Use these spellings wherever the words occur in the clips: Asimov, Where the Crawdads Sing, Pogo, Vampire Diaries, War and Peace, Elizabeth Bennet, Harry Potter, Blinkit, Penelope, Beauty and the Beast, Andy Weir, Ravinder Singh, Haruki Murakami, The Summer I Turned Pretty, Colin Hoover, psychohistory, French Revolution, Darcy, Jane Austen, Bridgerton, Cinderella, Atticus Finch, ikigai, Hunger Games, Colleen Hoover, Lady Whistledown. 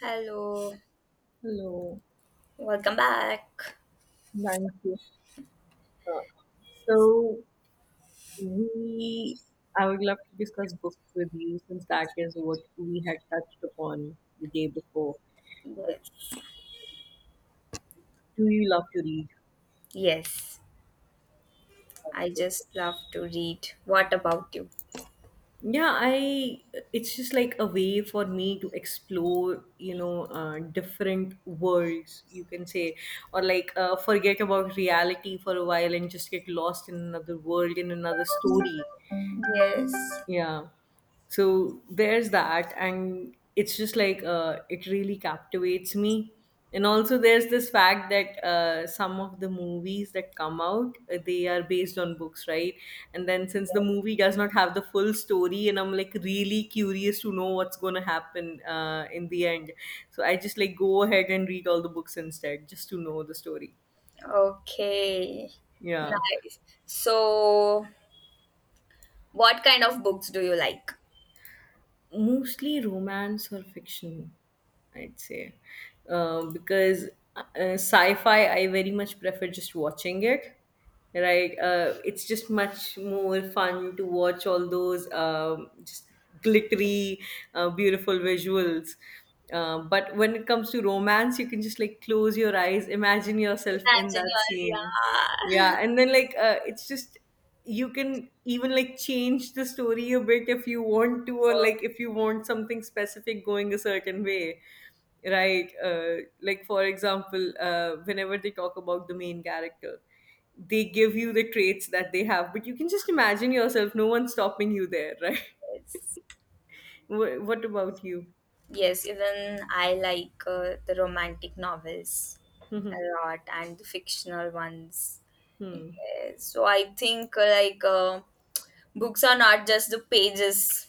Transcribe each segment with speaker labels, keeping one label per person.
Speaker 1: Hello,
Speaker 2: Hello,
Speaker 1: welcome back.
Speaker 2: thank you. Uh, so we, I would love to discuss books with you since that is what we had touched upon the day before. That
Speaker 1: Yes,
Speaker 2: Do you love to read?
Speaker 1: yes, I just love to read. What about you?
Speaker 2: Yeah, I It's just like a way for me to explore, you know, different worlds, you can say, or like forget about reality for a while and just get lost in another world, in another story.
Speaker 1: Yes,
Speaker 2: Yeah. So there's that. And it's just like it really captivates me. And also, there's this fact that some of the movies that come out, they are based on books, right? And then since the movie does not have the full story, and I'm like really curious to know what's going to happen in the end. So I just like go ahead and read all the books instead, just to know the story.
Speaker 1: okay,
Speaker 2: Yeah.
Speaker 1: nice. So, what kind of books do you like?
Speaker 2: Mostly romance or fiction, I'd say, because uh, sci-fi I very much prefer just watching it, right? It's just much more fun to watch all those, just glittery, beautiful visuals, but when it comes to romance you can just like close your eyes, imagine yourself in
Speaker 1: Imagine
Speaker 2: that
Speaker 1: you're,
Speaker 2: scene.
Speaker 1: yeah.
Speaker 2: Yeah, and then like it's just, you can even like change the story a bit if you want to, or
Speaker 1: Oh,
Speaker 2: like if you want something specific going a certain way, right? Like for example, whenever they talk about the main character, they give you the traits that they have, but you can just imagine yourself, no one's stopping you there, right?
Speaker 1: yes.
Speaker 2: What about you?
Speaker 1: Yes, even I like the romantic novels a lot and the fictional ones.
Speaker 2: Hmm.
Speaker 1: Yes, so, I think like books are not just the pages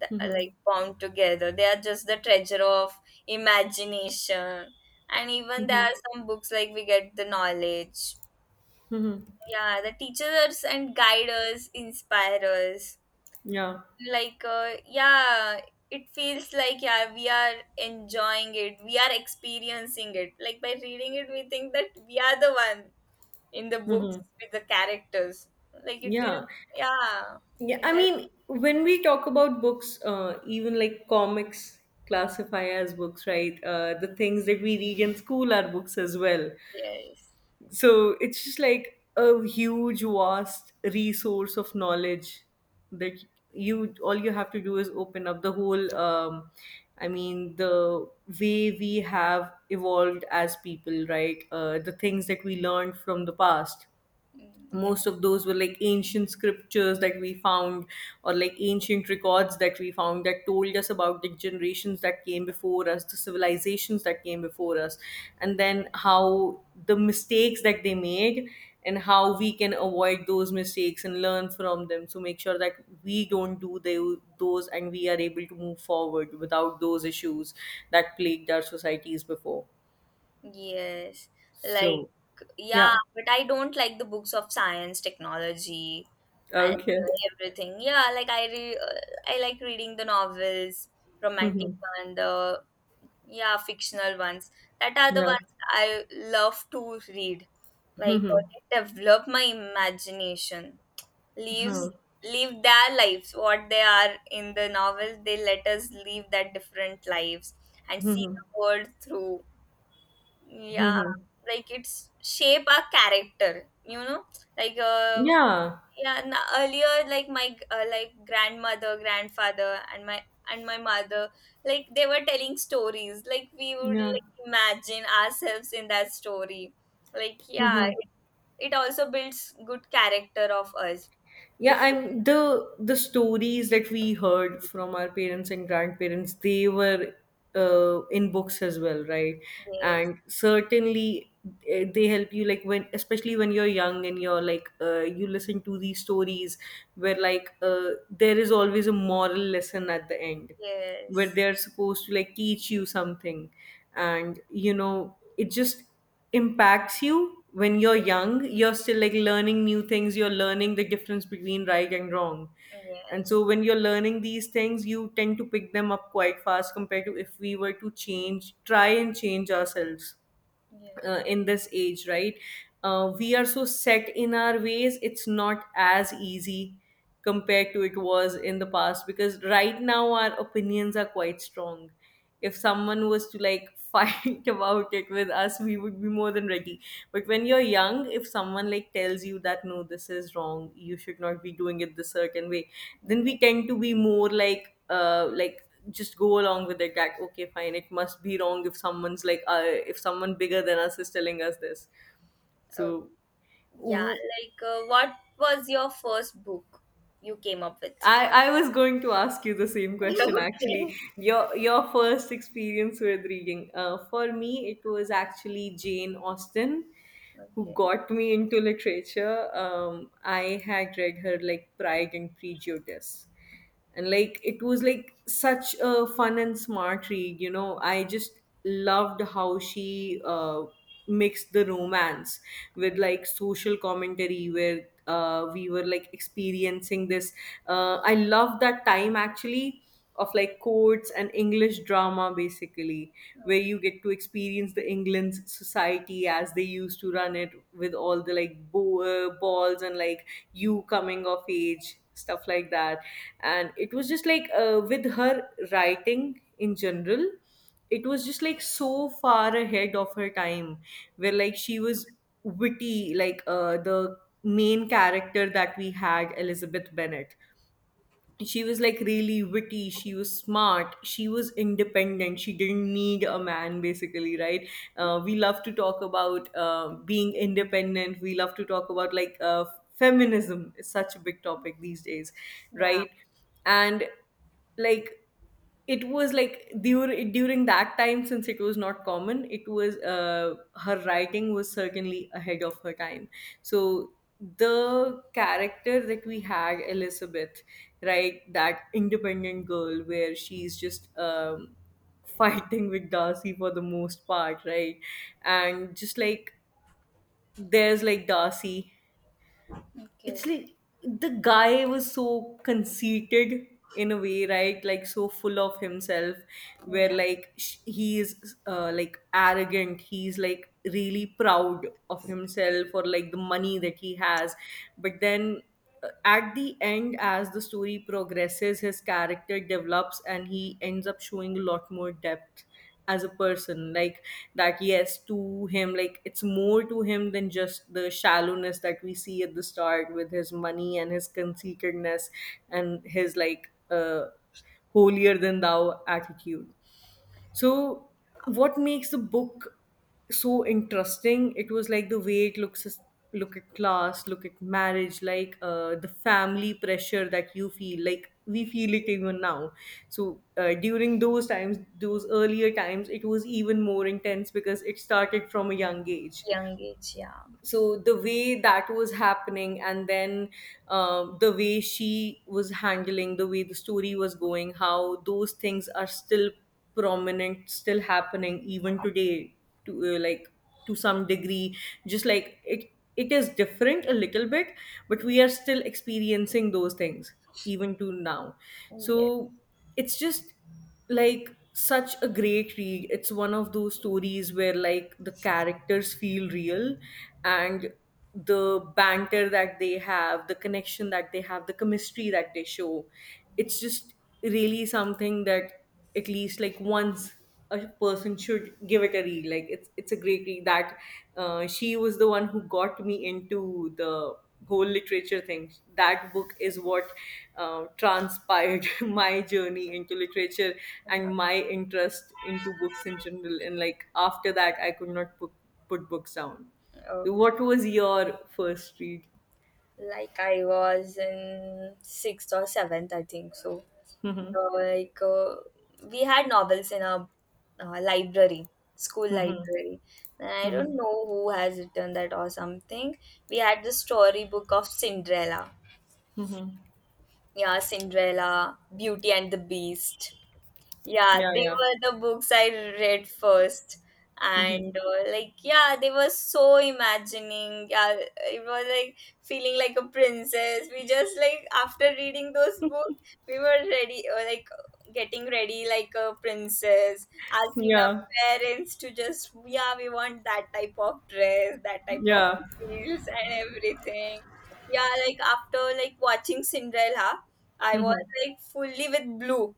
Speaker 1: that
Speaker 2: Hmm.
Speaker 1: are
Speaker 2: Hmm.
Speaker 1: like bound together. They are just the treasure of imagination. And
Speaker 2: Hmm.
Speaker 1: even there
Speaker 2: Hmm.
Speaker 1: are some books like we get the knowledge.
Speaker 2: Hmm, hmm,
Speaker 1: Yeah, the teachers and guide us, inspire us.
Speaker 2: yeah.
Speaker 1: Like, yeah, it feels like, yeah, we are enjoying it, we are experiencing it. Like, by reading it, we think that we are the one in the
Speaker 2: Hmm.
Speaker 1: books
Speaker 2: Hmm,
Speaker 1: with the characters. Like, it is,
Speaker 2: yeah.
Speaker 1: yeah,
Speaker 2: Yeah,
Speaker 1: it
Speaker 2: I
Speaker 1: helps.
Speaker 2: mean, when we talk about books, even like comics classify as books, right? The things that we read in school are books as well.
Speaker 1: Yes.
Speaker 2: So it's just like a huge, vast resource of knowledge that, you all you have to do is open up the whole. I mean, the way we have evolved as people, right? The things that we learned from the past,
Speaker 1: Mm, yeah.
Speaker 2: most of those were like ancient scriptures that we found, or like ancient records that we found that told us about the generations that came before us, the civilizations that came before us, and then how, the mistakes that they made, and how we can avoid those mistakes and learn from them to make sure that we don't do those, and we are able to move forward without those issues that plagued our societies before.
Speaker 1: Yes. Like,
Speaker 2: So
Speaker 1: yeah,
Speaker 2: yeah.
Speaker 1: but I don't like the books of science, technology, and
Speaker 2: Okay.
Speaker 1: everything. Yeah, like I like reading the novels, romantic one, the yeah, fictional ones. That are the
Speaker 2: Yeah.
Speaker 1: ones I love to read. Like they develop my imagination. Leaves
Speaker 2: Huh.
Speaker 1: live their lives, what they are in the novels. They let us live that different lives and see the world through
Speaker 2: Hmm
Speaker 1: yeah,
Speaker 2: hmm.
Speaker 1: like it's shape our character. Like
Speaker 2: Yeah,
Speaker 1: yeah, n earlier like grandmother, grandfather, and my mother, like they were telling stories. Like we would
Speaker 2: yeah,
Speaker 1: like imagine ourselves in that story. Like yeah,
Speaker 2: hmm,
Speaker 1: it also builds good character of us.
Speaker 2: yeah.
Speaker 1: If
Speaker 2: I'm, the stories that we heard from our parents and grandparents, they were in books as well, right?
Speaker 1: Yes,
Speaker 2: And certainly, eh, they help you like when, especially when you're young and you're like, you listen to these stories where like, there is always a moral lesson at the end, where
Speaker 1: yes,
Speaker 2: they're supposed to like teach you something, and you know it just impacts you when you're young, you're still like learning new things, you're learning the difference between right and wrong. And
Speaker 1: yes,
Speaker 2: so when you're learning these things, you tend to pick them up quite fast compared to if we were to change, try and change ourselves,
Speaker 1: yes.
Speaker 2: in this age, right? Uh, we are so set in our ways, it's not as easy compared to it was in the past, because right now our opinions are quite strong. If someone was to like fight about it with us, we would be more than ready. But when you're young, if someone like tells you that no, this is wrong, you should not be doing it this certain way, then
Speaker 1: Yeah,
Speaker 2: we tend to be more like, just go along with it, that okay, fine, it must be wrong if someone's like, if someone bigger than us is telling us this.
Speaker 1: uh,
Speaker 2: So
Speaker 1: yeah.
Speaker 2: w-
Speaker 1: Like what was your first book you came up with?
Speaker 2: I was going to ask you the same question, actually.
Speaker 1: Okay.
Speaker 2: Your first experience with reading, for me it was actually Jane Austen who
Speaker 1: Okay.
Speaker 2: got me into literature. I had read her like Pride and Prejudice, and like it was like such a fun and smart read, you know. I just loved how she mixed the romance with like social commentary, where we were like experiencing this, I love that time actually, of like courts and English drama basically,
Speaker 1: Oh,
Speaker 2: where you get to experience the England's society as they used to run it, with all the like balls and like you coming of age, stuff like that. And it was just like, with her writing in general, it was just like so far ahead of her time, where like she was witty. Like the main character that we had, Elizabeth Bennet, she was like really witty, she was smart, she was independent, she didn't need a man basically, right? Uh, we love to talk about being independent, we love to talk about like, feminism is such a big topic these days,
Speaker 1: yeah.
Speaker 2: right? And like it was like during that time, since it was not common, it was, her writing was certainly ahead of her time. So the character that we had, Elizabeth, right? That independent girl, where she's just, fighting with Darcy for the most part, right? And just like, there's like Darcy, it's
Speaker 1: Okay.
Speaker 2: like the guy was so conceited in a way, right? Like so full of himself, where
Speaker 1: Yeah.
Speaker 2: like he is like arrogant, he's like really proud of himself or like the money that he has, but then at the end as the story progresses, his character develops and he ends up showing a lot more depth as a person. Like that yes, to him, like it's more to him than just the shallowness that we see at the start with his money and his conceitedness and his like holier than thou attitude. So, what makes the book so interesting? It was like the way it looks look at class, look at marriage, like the family pressure that you feel. Like we feel it even now. So during those times, those earlier times, it was even more intense because it started from a young age.
Speaker 1: Young age. Yeah.
Speaker 2: So the way that was happening, and then the way she was handling, the way the story was going, how those things are still prominent, still happening even today, to like to some degree, just like it is different a little bit, but we are still experiencing those things even to now.
Speaker 1: Yes.
Speaker 2: So it's just like such a great read. It's one of those stories where like the characters feel real, and the banter that they have, the connection that they have, the chemistry that they show. It's just really something that at least like once a person should give it a read. Like it's a great read that, she was the one who got me into the whole literature thing. That book is what transpired my journey into literature and
Speaker 1: Uh-huh.
Speaker 2: my interest into books in general. And like after that, I could not put books down.
Speaker 1: Okay.
Speaker 2: What was your first read?
Speaker 1: Like I was in sixth or seventh, I think. So,
Speaker 2: Hmm.
Speaker 1: like we had novels in our library, school
Speaker 2: Hmm.
Speaker 1: library. And I
Speaker 2: Hmm.
Speaker 1: don't know who has written that or something. We had the storybook of Cinderella. Yeah, Cinderella, Beauty and the Beast. Yeah,
Speaker 2: Yeah,
Speaker 1: they
Speaker 2: yeah.
Speaker 1: were the books I read first. And
Speaker 2: Hmm.
Speaker 1: like, yeah, they were so imagining. Yeah, it was like feeling like a princess. We just like after reading those books, we were ready, or like getting ready like a princess, asking
Speaker 2: Yeah,
Speaker 1: our parents to just, yeah, we want that type of dress, that type of
Speaker 2: yeah.
Speaker 1: heels, and everything. Yeah, like after like watching Cinderella, I was
Speaker 2: Hmm.
Speaker 1: like fully with blue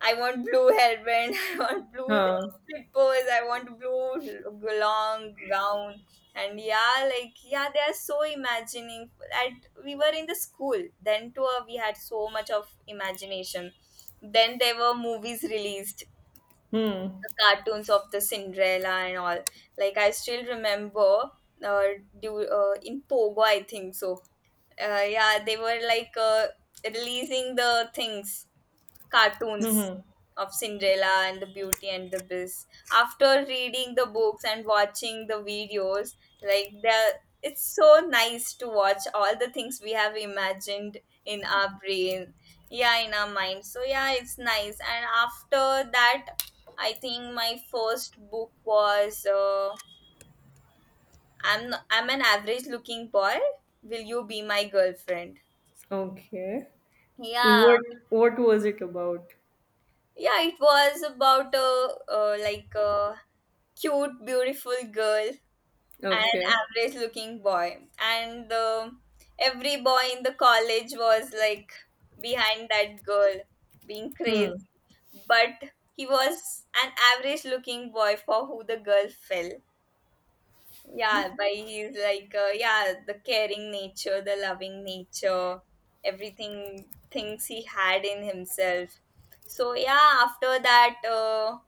Speaker 1: I want blue hairband. I want blue
Speaker 2: Uh,
Speaker 1: slippers. I want blue long gown. And yeah, like yeah, they are so imagining. At We were in the school then too. We had so much of imagination. Then there were movies released, the
Speaker 2: hmm.
Speaker 1: cartoons of the Cinderella and all. Like I still remember, uh, do in Pogo I think so. Yeah, they were like releasing the things cartoons
Speaker 2: Hmm.
Speaker 1: of Cinderella and the Beauty and the Beast. After reading the books and watching the videos, like the it's so nice to watch all the things we have imagined in our brain, yeah, in our mind. So yeah, it's nice. And after that, I think my first book was I'm an average looking boy. Will you be my girlfriend?
Speaker 2: Okay.
Speaker 1: Yeah,
Speaker 2: What was it about?
Speaker 1: yeah, it was about like cute, beautiful girl and
Speaker 2: Okay.
Speaker 1: average looking boy. And every boy in the college was like behind that girl, being crazy. But he was an average looking boy for who the girl fell. Yeah, but he's like, yeah, the caring nature, the loving nature, everything, things he had in himself. So, yeah, after that,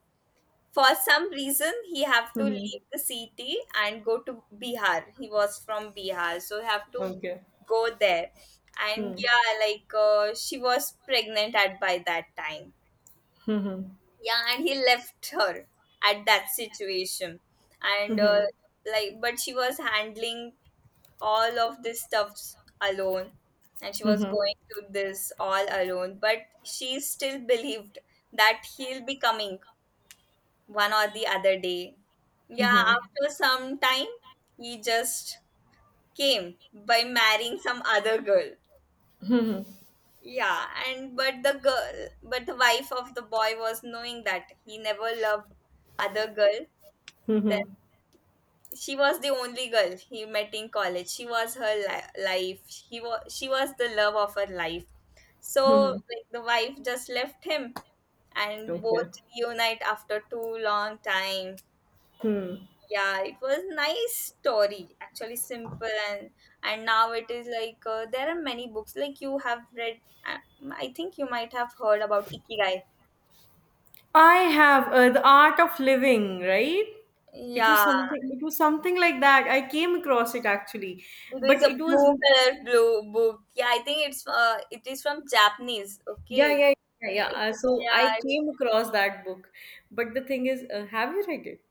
Speaker 1: for some reason he have to
Speaker 2: Mhm.
Speaker 1: leave the city and go to Bihar. He was from Bihar, so he have to
Speaker 2: Okay.
Speaker 1: go there. And
Speaker 2: Hmm.
Speaker 1: yeah, like she was pregnant at by that time.
Speaker 2: Hmm.
Speaker 1: Yeah, and he left her at that situation. And like, but she was handling all of this stuff alone, and she was going to this all alone, but she still believed that he'll be coming one or the other day. Yeah, after some time, he just came by marrying some other girl. Yeah, and but the girl, but the wife of the boy was knowing that he never loved other girl. Then she was the only girl he met in college. She was her life. He was She was the love of her life. So like the wife just left him, and
Speaker 2: Okay.
Speaker 1: both reunite after too long time.
Speaker 2: Hmm.
Speaker 1: Yeah, it was nice story actually, simple. And now it is like there are many books like you have read. I think you might have heard about Ikigai.
Speaker 2: I have, the art of living, right? It was
Speaker 1: Yeah,
Speaker 2: something. It was something like that. I came across it actually,
Speaker 1: it is
Speaker 2: but
Speaker 1: a
Speaker 2: it was,
Speaker 1: blue color, blue book. Yeah, I think it is from Japanese.
Speaker 2: yeah,
Speaker 1: Okay,
Speaker 2: yeah, yeah, yeah.
Speaker 1: yeah,
Speaker 2: So I came across that book, but the thing is, have you read it?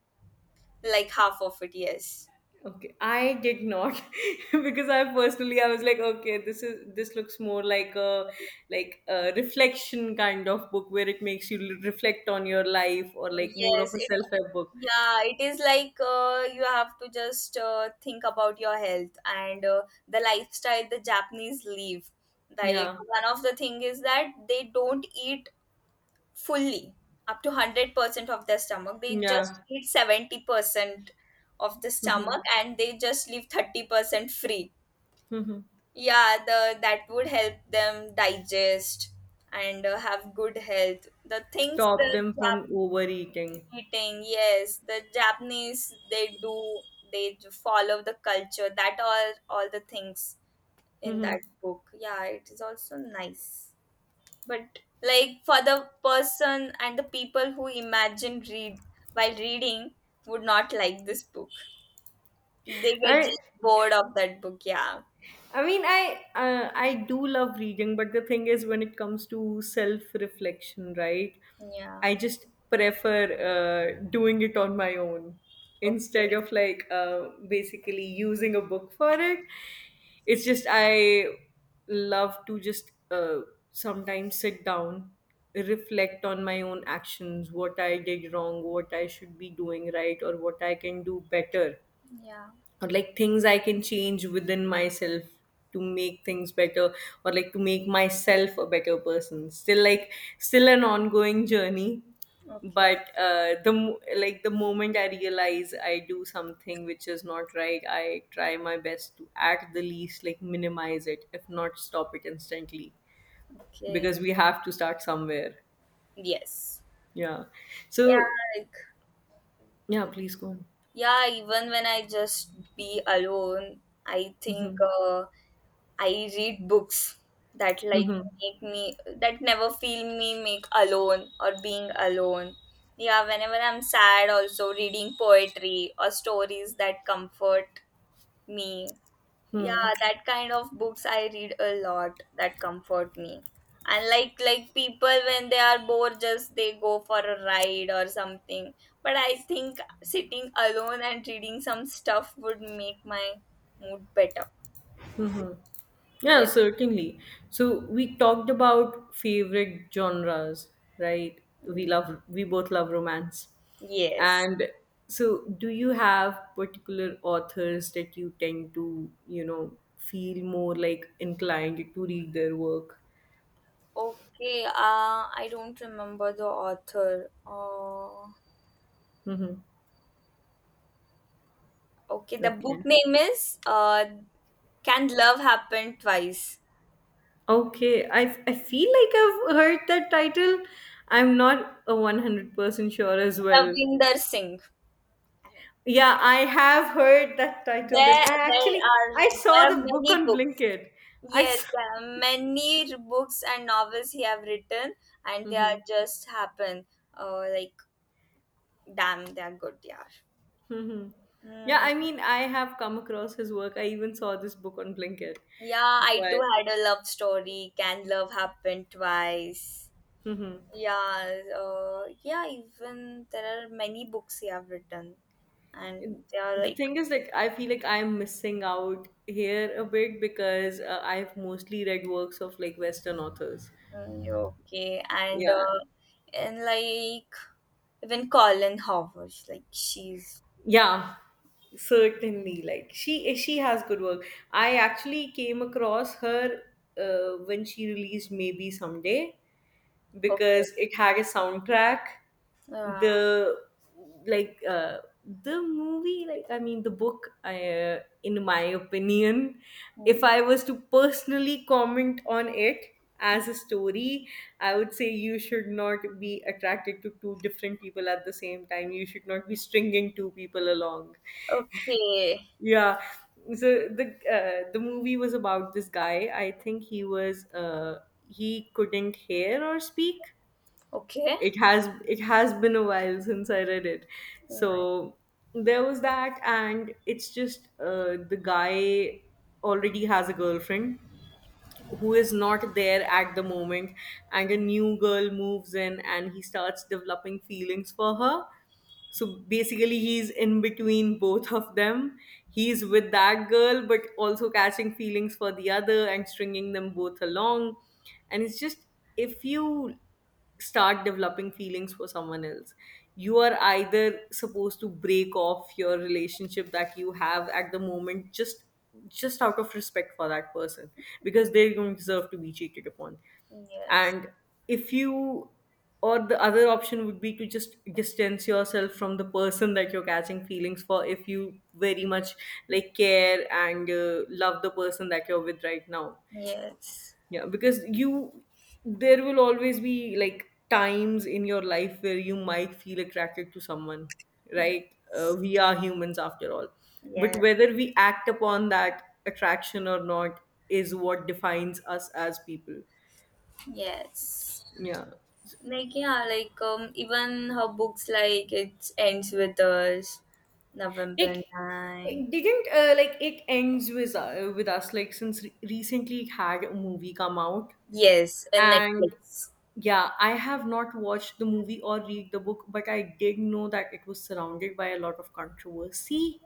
Speaker 1: like half of it. Yes,
Speaker 2: Okay, I did not, because I personally I was like, okay, this is, this looks more like a reflection kind of book where it makes you reflect on your life, or like more of
Speaker 1: yes,
Speaker 2: a
Speaker 1: it
Speaker 2: self-help book.
Speaker 1: yeah, it is like you have to just think about your health and the lifestyle the Japanese live. Like
Speaker 2: Yeah,
Speaker 1: one of the thing is that they don't eat fully up to 100% of their stomach. They just
Speaker 2: yeah.
Speaker 1: eat 70% of the
Speaker 2: Mm-hmm.
Speaker 1: stomach and they just leave 30% free.
Speaker 2: Mm-hmm.
Speaker 1: Yeah, the that would help them digest and have good health. The things
Speaker 2: Stop
Speaker 1: the
Speaker 2: them from overeating.
Speaker 1: eating yes, the Japanese they do, they follow the culture that are all the things in
Speaker 2: Mm-hmm.
Speaker 1: that book. Yeah, it is also nice, but like for the person and the people who imagine read while reading would not like this book, they get
Speaker 2: I
Speaker 1: just bored of that book. Yeah,
Speaker 2: I mean, I, I do love reading, but the thing is, when it comes to self reflection, right?
Speaker 1: yeah,
Speaker 2: I just prefer doing it on my own, instead
Speaker 1: okay,
Speaker 2: of like basically using a book for it. It's just I love to just, sometimes sit down, reflect on my own actions, what I did wrong, what I should be doing right, or what I can do better,
Speaker 1: yeah,
Speaker 2: or like things I can change within myself to make things better, or like to make myself a better person. Still like still an ongoing journey,
Speaker 1: okay,
Speaker 2: but like the moment I realize I do something which is not right, I try my best to at the least like minimize it, if not stop it instantly,
Speaker 1: okay,
Speaker 2: because we have to start somewhere.
Speaker 1: yes,
Speaker 2: Yeah.
Speaker 1: yeah,
Speaker 2: So
Speaker 1: like
Speaker 2: yeah, please go on.
Speaker 1: yeah, even when I just be alone, I think
Speaker 2: Mm-hmm.
Speaker 1: uh, I read books that like
Speaker 2: Mm-hmm.
Speaker 1: make me that never feel me make alone or being alone. Yeah, whenever I'm sad, also reading poetry or stories that comfort me.
Speaker 2: Hmm.
Speaker 1: Yeah, that kind of books I read a lot that comfort me. And like people when they are bored, just they go for a ride or something. But I think sitting alone and reading some stuff would make my mood better.
Speaker 2: Mm-hmm. Yeah,
Speaker 1: Yeah,
Speaker 2: certainly. So we talked about favorite genres, right? We
Speaker 1: yeah.
Speaker 2: love we both love romance.
Speaker 1: Yes,
Speaker 2: And so do you have particular authors that you tend to, feel more like inclined to read their work?
Speaker 1: okay, I don't remember the author.
Speaker 2: Mm-hmm.
Speaker 1: Okay, the book
Speaker 2: Okay.
Speaker 1: name is Can Love Happen Twice?
Speaker 2: Okay, I feel like I've heard that title. I'm not a 100% sure as well.
Speaker 1: Ravinder Singh.
Speaker 2: Yeah, I have heard that title then.
Speaker 1: There,
Speaker 2: I
Speaker 1: there
Speaker 2: actually
Speaker 1: are
Speaker 2: I saw
Speaker 1: there are
Speaker 2: the book
Speaker 1: many
Speaker 2: on
Speaker 1: books.
Speaker 2: Blinkit. I
Speaker 1: Yes,
Speaker 2: saw.
Speaker 1: there are many books and novels he have written, and they are
Speaker 2: Mhm.
Speaker 1: just happen. Oh, like damn, they are good. Yeah.
Speaker 2: Mhm. Yeah,
Speaker 1: Hmm.
Speaker 2: I have come across his work. I even saw this book on Blinkit.
Speaker 1: Yeah, I
Speaker 2: But
Speaker 1: too had a love story. Can love happen twice?
Speaker 2: hmm,
Speaker 1: Yeah. Yeah. Even there are many books he have written, and they are
Speaker 2: the
Speaker 1: like
Speaker 2: thing is, I feel like I'm missing out here a bit because I've mostly read works of like Western authors.
Speaker 1: mm, okay,
Speaker 2: Yeah,
Speaker 1: and like even Colin Howard, like she's
Speaker 2: yeah, certainly. Like she has good work. I actually came across her when she released Maybe Someday
Speaker 1: okay.
Speaker 2: because it had a soundtrack.
Speaker 1: Yeah.
Speaker 2: The like uh, the movie, the book. In my opinion, if
Speaker 1: Mm.
Speaker 2: I was to personally comment on it as a story, I would say you should not be attracted to two different people at the same time. You should not be stringing two people along.
Speaker 1: Okay.
Speaker 2: Yeah. So the uh, the movie was about this guy. I think he couldn't hear or speak.
Speaker 1: Okay.
Speaker 2: It has been a while since I read it.
Speaker 1: Yeah.
Speaker 2: So there was that, and it's just the guy already has a girlfriend who is not there at the moment, and a new girl moves in and he starts developing feelings for her. So basically he's in between both of them. He's with that girl but also catching feelings for the other and stringing them both along. And it's just, if you start developing feelings for someone else, you are either supposed to break off your relationship that you have at the moment, just out of respect for that person, because they don't deserve to be cheated upon.
Speaker 1: Yes.
Speaker 2: And if you, or the other option would be to just distance yourself from the person that you're catching feelings for, if you very much like care and love the person that you're with right now.
Speaker 1: Yes.
Speaker 2: Yeah, there will always be like times in your life where you might feel attracted to someone, right?
Speaker 1: Yes.
Speaker 2: We are humans after all. But
Speaker 1: Yes.
Speaker 2: whether we act upon that attraction or not is what defines us as people.
Speaker 1: Yes.
Speaker 2: Yeah.
Speaker 1: Like yeah, like even her books like It Ends with Us,
Speaker 2: It,
Speaker 1: November 9.
Speaker 2: it didn't like it ends with us, like since recently it had a movie come out.
Speaker 1: Yes, and
Speaker 2: And
Speaker 1: Netflix.
Speaker 2: yeah, I have not watched the movie or read the book, but I did know that it was surrounded by a lot of controversy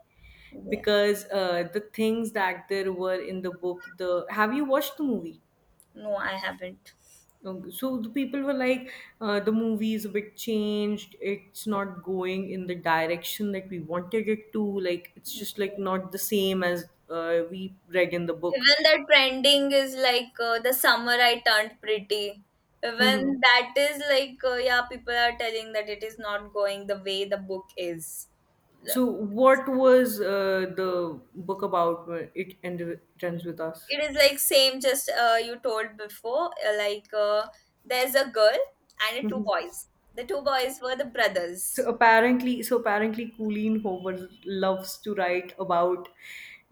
Speaker 1: Yeah.
Speaker 2: because the things that there were in the book, the, have you watched the movie?
Speaker 1: No, I haven't.
Speaker 2: So the people were like, the movie is a bit changed. It's not going in the direction that we wanted it to. Like it's just like not the same as we read in the book.
Speaker 1: Even the trending is like The Summer I Turned Pretty. Even that is like, yeah, people are telling that it is not going the way the book is.
Speaker 2: So, what was the book about? It ends with us.
Speaker 1: It is like same, just you told before. Like there's a girl and two
Speaker 2: Mhm.
Speaker 1: boys. The two boys were the
Speaker 2: So
Speaker 1: brothers.
Speaker 2: apparently, so apparently, Colleen Hoover loves to write about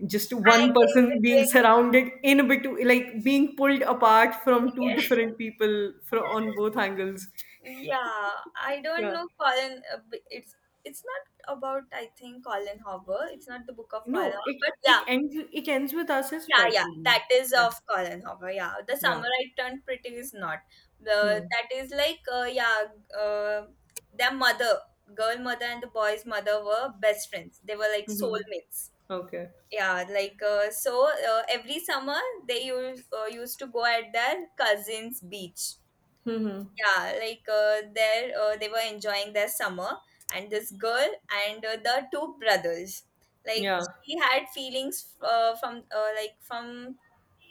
Speaker 2: just one
Speaker 1: Hanging
Speaker 2: person being
Speaker 1: between.
Speaker 2: surrounded in a bit, like being pulled apart from two different people from on both angles.
Speaker 1: Yeah, I don't
Speaker 2: Yeah.
Speaker 1: know Colin. It's not about I think Colin Hoover. It's not the book of Colin
Speaker 2: No,
Speaker 1: Hoover,
Speaker 2: it
Speaker 1: but yeah,
Speaker 2: it ends it ends with us is
Speaker 1: yeah,
Speaker 2: by
Speaker 1: yeah,
Speaker 2: Colleen.
Speaker 1: that is
Speaker 2: Yeah.
Speaker 1: of Colin Hoover. Yeah, The
Speaker 2: Yeah.
Speaker 1: Summer I Turned Pretty is not. The
Speaker 2: Hmm.
Speaker 1: That is like yeah, uh, their mother, girl mother and the boy's mother were best friends. They were like
Speaker 2: Hmm.
Speaker 1: soulmates.
Speaker 2: Okay.
Speaker 1: Yeah, like so every summer they used to go at their cousin's beach.
Speaker 2: Hmm.
Speaker 1: Yeah, like there they were enjoying their summer and this girl and the two brothers. Like
Speaker 2: Yeah.
Speaker 1: she had feelings from like from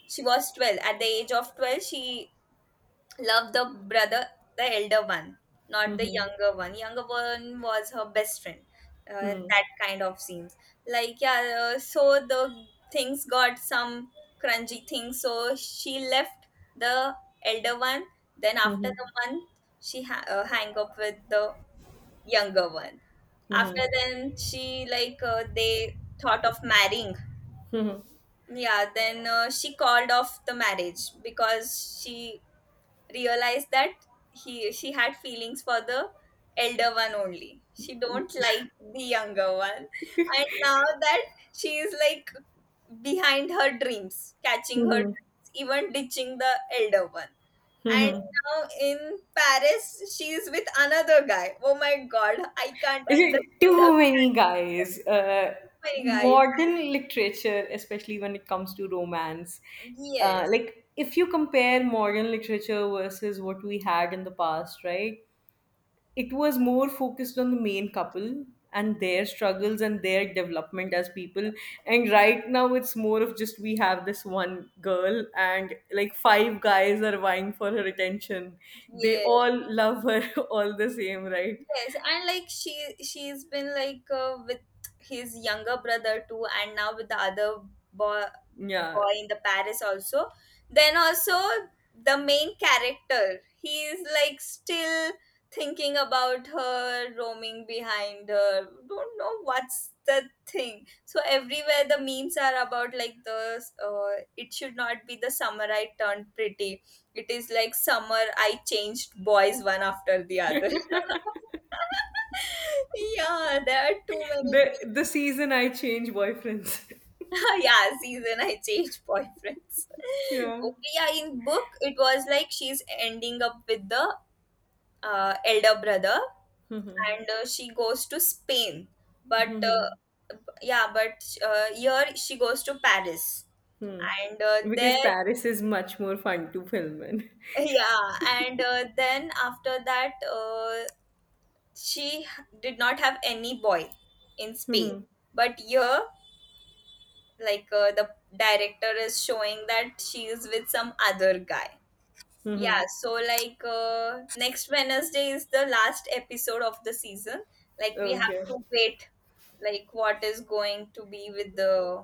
Speaker 1: she was 12. At the age of 12, she loved the brother, the elder one, not the
Speaker 2: Hmm.
Speaker 1: younger one. Younger one was her best friend.
Speaker 2: Hmm.
Speaker 1: That kind of scenes. Like, yeah, so the things got some crunchy things. So she left the elder one. Then, after
Speaker 2: Hmm.
Speaker 1: the month, she hang up with the younger one. After
Speaker 2: Mhm.
Speaker 1: then, she, like, they thought of marrying.
Speaker 2: Mhm.
Speaker 1: Yeah, then she called off the marriage because she realized that he she had feelings for the elder one only. She don't like the younger one, and now that she is like behind her dreams, catching her
Speaker 2: Mhm.
Speaker 1: dreams, even ditching the elder one. And
Speaker 2: Mhm.
Speaker 1: now in Paris she is with another guy. Oh my god, I can't
Speaker 2: Is it
Speaker 1: understand her.
Speaker 2: too
Speaker 1: Oh
Speaker 2: many guys?
Speaker 1: my guys.
Speaker 2: Modern literature, especially when it comes to romance,
Speaker 1: Yes,
Speaker 2: like if you compare modern literature versus what we had in the past, right? It was more focused on the main couple and their struggles and their development as people, and right now it's more of just we have this one girl and like five guys are vying for her attention. They
Speaker 1: yes.
Speaker 2: all love her all the same, right?
Speaker 1: Yes, and like she's been like with his younger brother too, and now with the other boy
Speaker 2: Yeah,
Speaker 1: boy in the Paris also. Then also, the main character, he is like still thinking about her, roaming behind her. Don't know what's the thing. So everywhere the memes are about like the it should not be The Summer I Turned Pretty. It is like summer I changed boys one after the other. Yeah, there are too many.
Speaker 2: the season I change boyfriends.
Speaker 1: Yeah, season I changed boyfriends.
Speaker 2: Yeah.
Speaker 1: Okay, yeah, in book it was like she's ending up with the elder brother,
Speaker 2: Mhm.
Speaker 1: and she goes to Spain. But
Speaker 2: Mhm.
Speaker 1: yeah, but here she goes to Paris,
Speaker 2: Mhm.
Speaker 1: and
Speaker 2: Because
Speaker 1: there
Speaker 2: Paris is much more fun to film in.
Speaker 1: yeah, and then after that uh, she did not have any boy in Spain.
Speaker 2: Mhm.
Speaker 1: But here like the director is showing that she is with some other guy. Yeah,
Speaker 2: Mhm.
Speaker 1: so like next Wednesday is the last episode of the season. Like we have
Speaker 2: Okay.
Speaker 1: to wait like what is going to be with the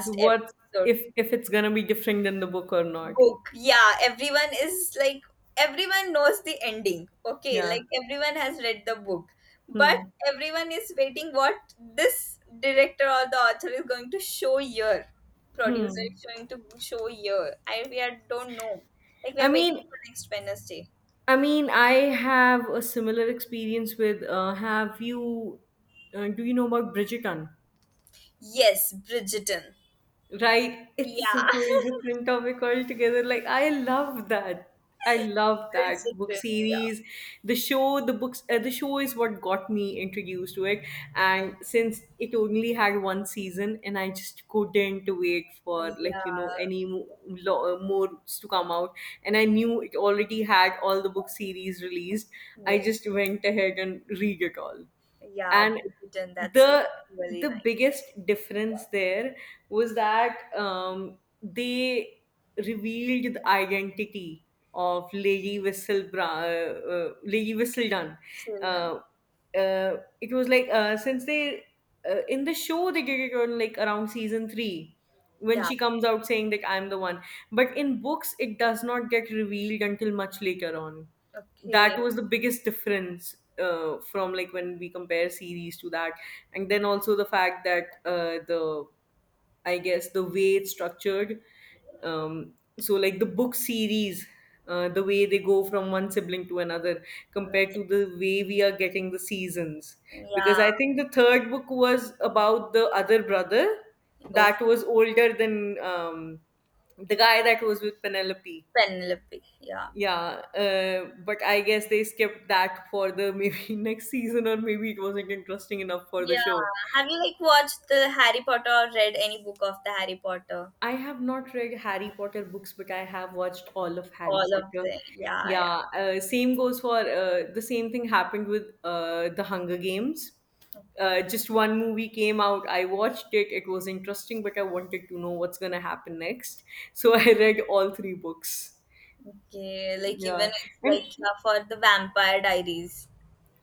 Speaker 2: So what,
Speaker 1: episode.
Speaker 2: if it's gonna be different than the book or not?
Speaker 1: Book Yeah, everyone is like, everyone knows the ending. Okay,
Speaker 2: Yeah.
Speaker 1: like everyone has read the book, but
Speaker 2: Hmm.
Speaker 1: everyone is waiting what this director or the author is going to show here, producer
Speaker 2: Hmm.
Speaker 1: is going to show here. I We are, don't know. Like we
Speaker 2: I
Speaker 1: are waiting
Speaker 2: mean,
Speaker 1: for next Wednesday.
Speaker 2: I mean, I have a similar experience with. Have you? Do you know about Bridgerton?
Speaker 1: Yes, Bridgerton.
Speaker 2: Right? It's a whole
Speaker 1: Yeah.
Speaker 2: different topic altogether. Like, I love that. I love that book
Speaker 1: Bridgerton. Yeah,
Speaker 2: series. The show is what got me introduced to it. And since it only had one season, and I just couldn't wait for like any more to come out, and I knew it already had all the book series released. I
Speaker 1: yeah, yes,
Speaker 2: just went ahead and read it all,
Speaker 1: yeah,
Speaker 2: and
Speaker 1: Bridgerton, that's a
Speaker 2: the
Speaker 1: really
Speaker 2: the
Speaker 1: nice
Speaker 2: biggest difference there was that they revealed the identity of Lady Whistledown. Lady Whistledown.
Speaker 1: film.
Speaker 2: Uh, it was like Since they in the show they did it on like around season three, when
Speaker 1: Yeah.
Speaker 2: she comes out saying that I'm the one, but in books it does not get revealed until much later on.
Speaker 1: Okay.
Speaker 2: That was the biggest difference, from like when we compare series to that. And then also the fact that the I guess the way it's structured, um, so like the book series, the way they go from one sibling to another compared
Speaker 1: Okay.
Speaker 2: to the way we are getting the seasons. Because
Speaker 1: Yeah.
Speaker 2: I think the third book was about the other brother
Speaker 1: Oh,
Speaker 2: that was older than the guy that was with Penelope.
Speaker 1: Penelope. Yeah.
Speaker 2: Yeah, but I guess they skipped that for the maybe next season, or maybe it wasn't interesting enough for the
Speaker 1: Yeah.
Speaker 2: show.
Speaker 1: Have you like watched the Harry Potter or read any book of the Harry Potter?
Speaker 2: I have not read Harry Potter books, but I have watched all of Harry
Speaker 1: All of
Speaker 2: Potter.
Speaker 1: the, yeah, yeah.
Speaker 2: Yeah, same goes for the same thing happened with the Hunger Games.
Speaker 1: Okay.
Speaker 2: Just one movie came out. I watched it. It was interesting, but I wanted to know what's gonna happen next. So I read all three books.
Speaker 1: Okay. Like
Speaker 2: Yeah,
Speaker 1: even it's
Speaker 2: and
Speaker 1: like yeah, for the Vampire Diaries.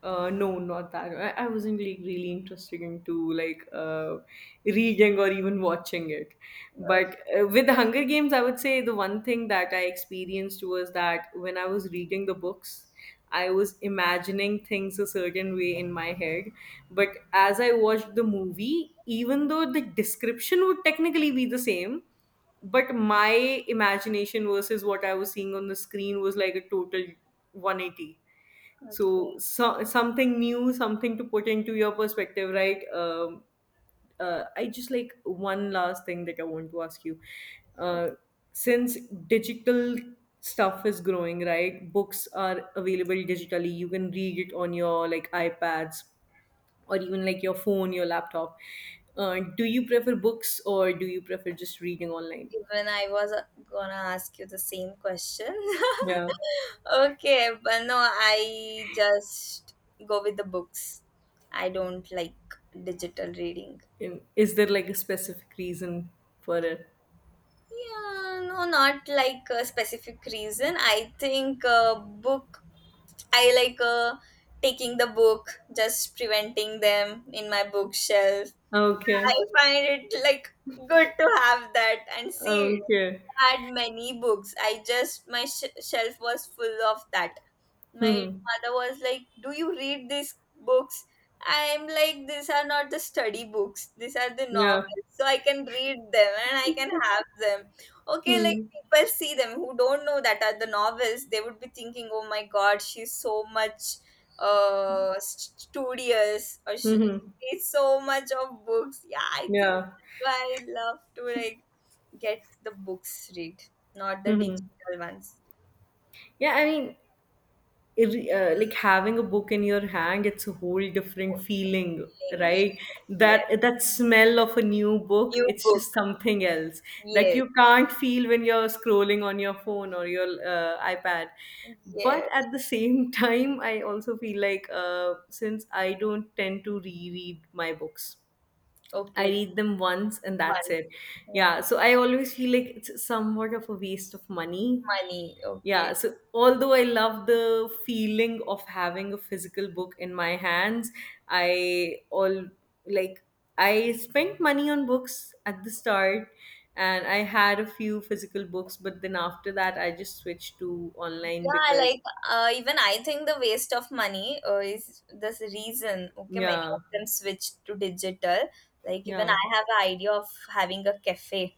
Speaker 2: No, not that. I wasn't like really interested into like reading or even watching it.
Speaker 1: Okay.
Speaker 2: But with the Hunger Games, I would say the one thing that I experienced was that when I was reading the books, I was imagining things a certain way in my head. But as I watched the movie, even though the description would technically be the same, but my imagination versus what I was seeing on the screen was like a total 180.
Speaker 1: Okay.
Speaker 2: So, so something new, something to put into your perspective, right? I just like one last thing that I want to ask you.
Speaker 1: Okay.
Speaker 2: uh, since digital stuff is growing, right, books are available digitally, you can read it on your like iPads or even like your phone, your laptop, do you prefer books or do you prefer just reading online?
Speaker 1: Even I was gonna ask you the same question.
Speaker 2: Yeah.
Speaker 1: Okay, but no, I just go with the books. I don't like digital reading.
Speaker 2: And is there like a specific reason for it?
Speaker 1: Yeah, no, not like a specific reason. I think book. I like taking the book, just preventing them in my bookshelf. Yeah,
Speaker 2: Okay.
Speaker 1: I find it like good to have that and see it.
Speaker 2: Okay.
Speaker 1: I had many books. I just my shelf was full of that. My
Speaker 2: Mhm.
Speaker 1: mother was like, do you read these books? I'm like, these are not the study books, these are the
Speaker 2: Yeah.
Speaker 1: novels, so I can read them and I can have them. Okay, like
Speaker 2: Mhm.
Speaker 1: people see them who don't know that are the novels, they would be thinking, oh my god, she's so much studious, or she
Speaker 2: Mhm.
Speaker 1: reads so much of books. Yeah, I think
Speaker 2: Yeah.
Speaker 1: that's why I love to like get the books read, not the
Speaker 2: Mhm.
Speaker 1: digital ones.
Speaker 2: Yeah, like having a book in your hand, it's a whole different feeling, right?
Speaker 1: Yes, yes.
Speaker 2: That that smell of a new book,
Speaker 1: New
Speaker 2: it's
Speaker 1: book.
Speaker 2: just something else that
Speaker 1: Yes,
Speaker 2: you can't feel when you're scrolling on your phone or your iPad. But
Speaker 1: yes.
Speaker 2: at the same time, I also feel like since I don't tend to reread my books, I
Speaker 1: Okay.
Speaker 2: read them once and that's
Speaker 1: One.
Speaker 2: it.
Speaker 1: Yeah.
Speaker 2: Yeah, so I always feel like it's somewhat of a waste of money.
Speaker 1: Money. Okay.
Speaker 2: Yeah, so although I love the feeling of having a physical book in my hands, I all like I spent money on books at the start and I had a few physical books, but then after that I just switched to online
Speaker 1: Yeah,
Speaker 2: because
Speaker 1: like even I think the waste of money is this reason. Okay, many
Speaker 2: yeah,
Speaker 1: of them switch to digital. Like even
Speaker 2: yeah.
Speaker 1: I have an idea of having a cafe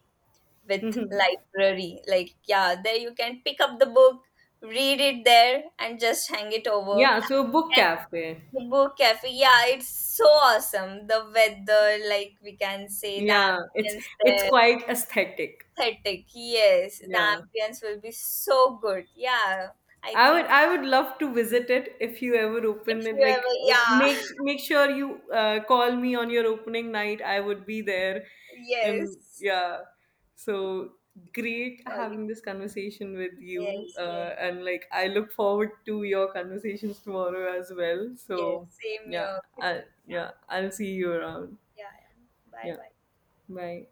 Speaker 1: with library. Like yeah, there you can pick up the book, read it there, and just hang it over.
Speaker 2: Yeah, so book
Speaker 1: And
Speaker 2: cafe.
Speaker 1: the book cafe, yeah, it's so awesome. The weather, like we can say, the
Speaker 2: Yeah, it's
Speaker 1: ambience there.
Speaker 2: quite aesthetic.
Speaker 1: Pathetic. Yes, the
Speaker 2: Yeah.
Speaker 1: ambience will be so good. Yeah, I
Speaker 2: I
Speaker 1: think
Speaker 2: would I would love to visit it if you ever open
Speaker 1: if you
Speaker 2: it.
Speaker 1: ever,
Speaker 2: Like
Speaker 1: yeah,
Speaker 2: make sure you call me on your opening night. I would be there, and
Speaker 1: yes,
Speaker 2: yeah. So great
Speaker 1: surely.
Speaker 2: having this conversation with you,
Speaker 1: Yes, yes,
Speaker 2: and like I look forward to your conversations tomorrow as well.
Speaker 1: yes.
Speaker 2: So
Speaker 1: Same
Speaker 2: yeah,
Speaker 1: here.
Speaker 2: I,
Speaker 1: Kiran. Yeah,
Speaker 2: yeah, I'll see you around.
Speaker 1: yeah, yeah. Bye,
Speaker 2: Yeah,
Speaker 1: bye.
Speaker 2: bye.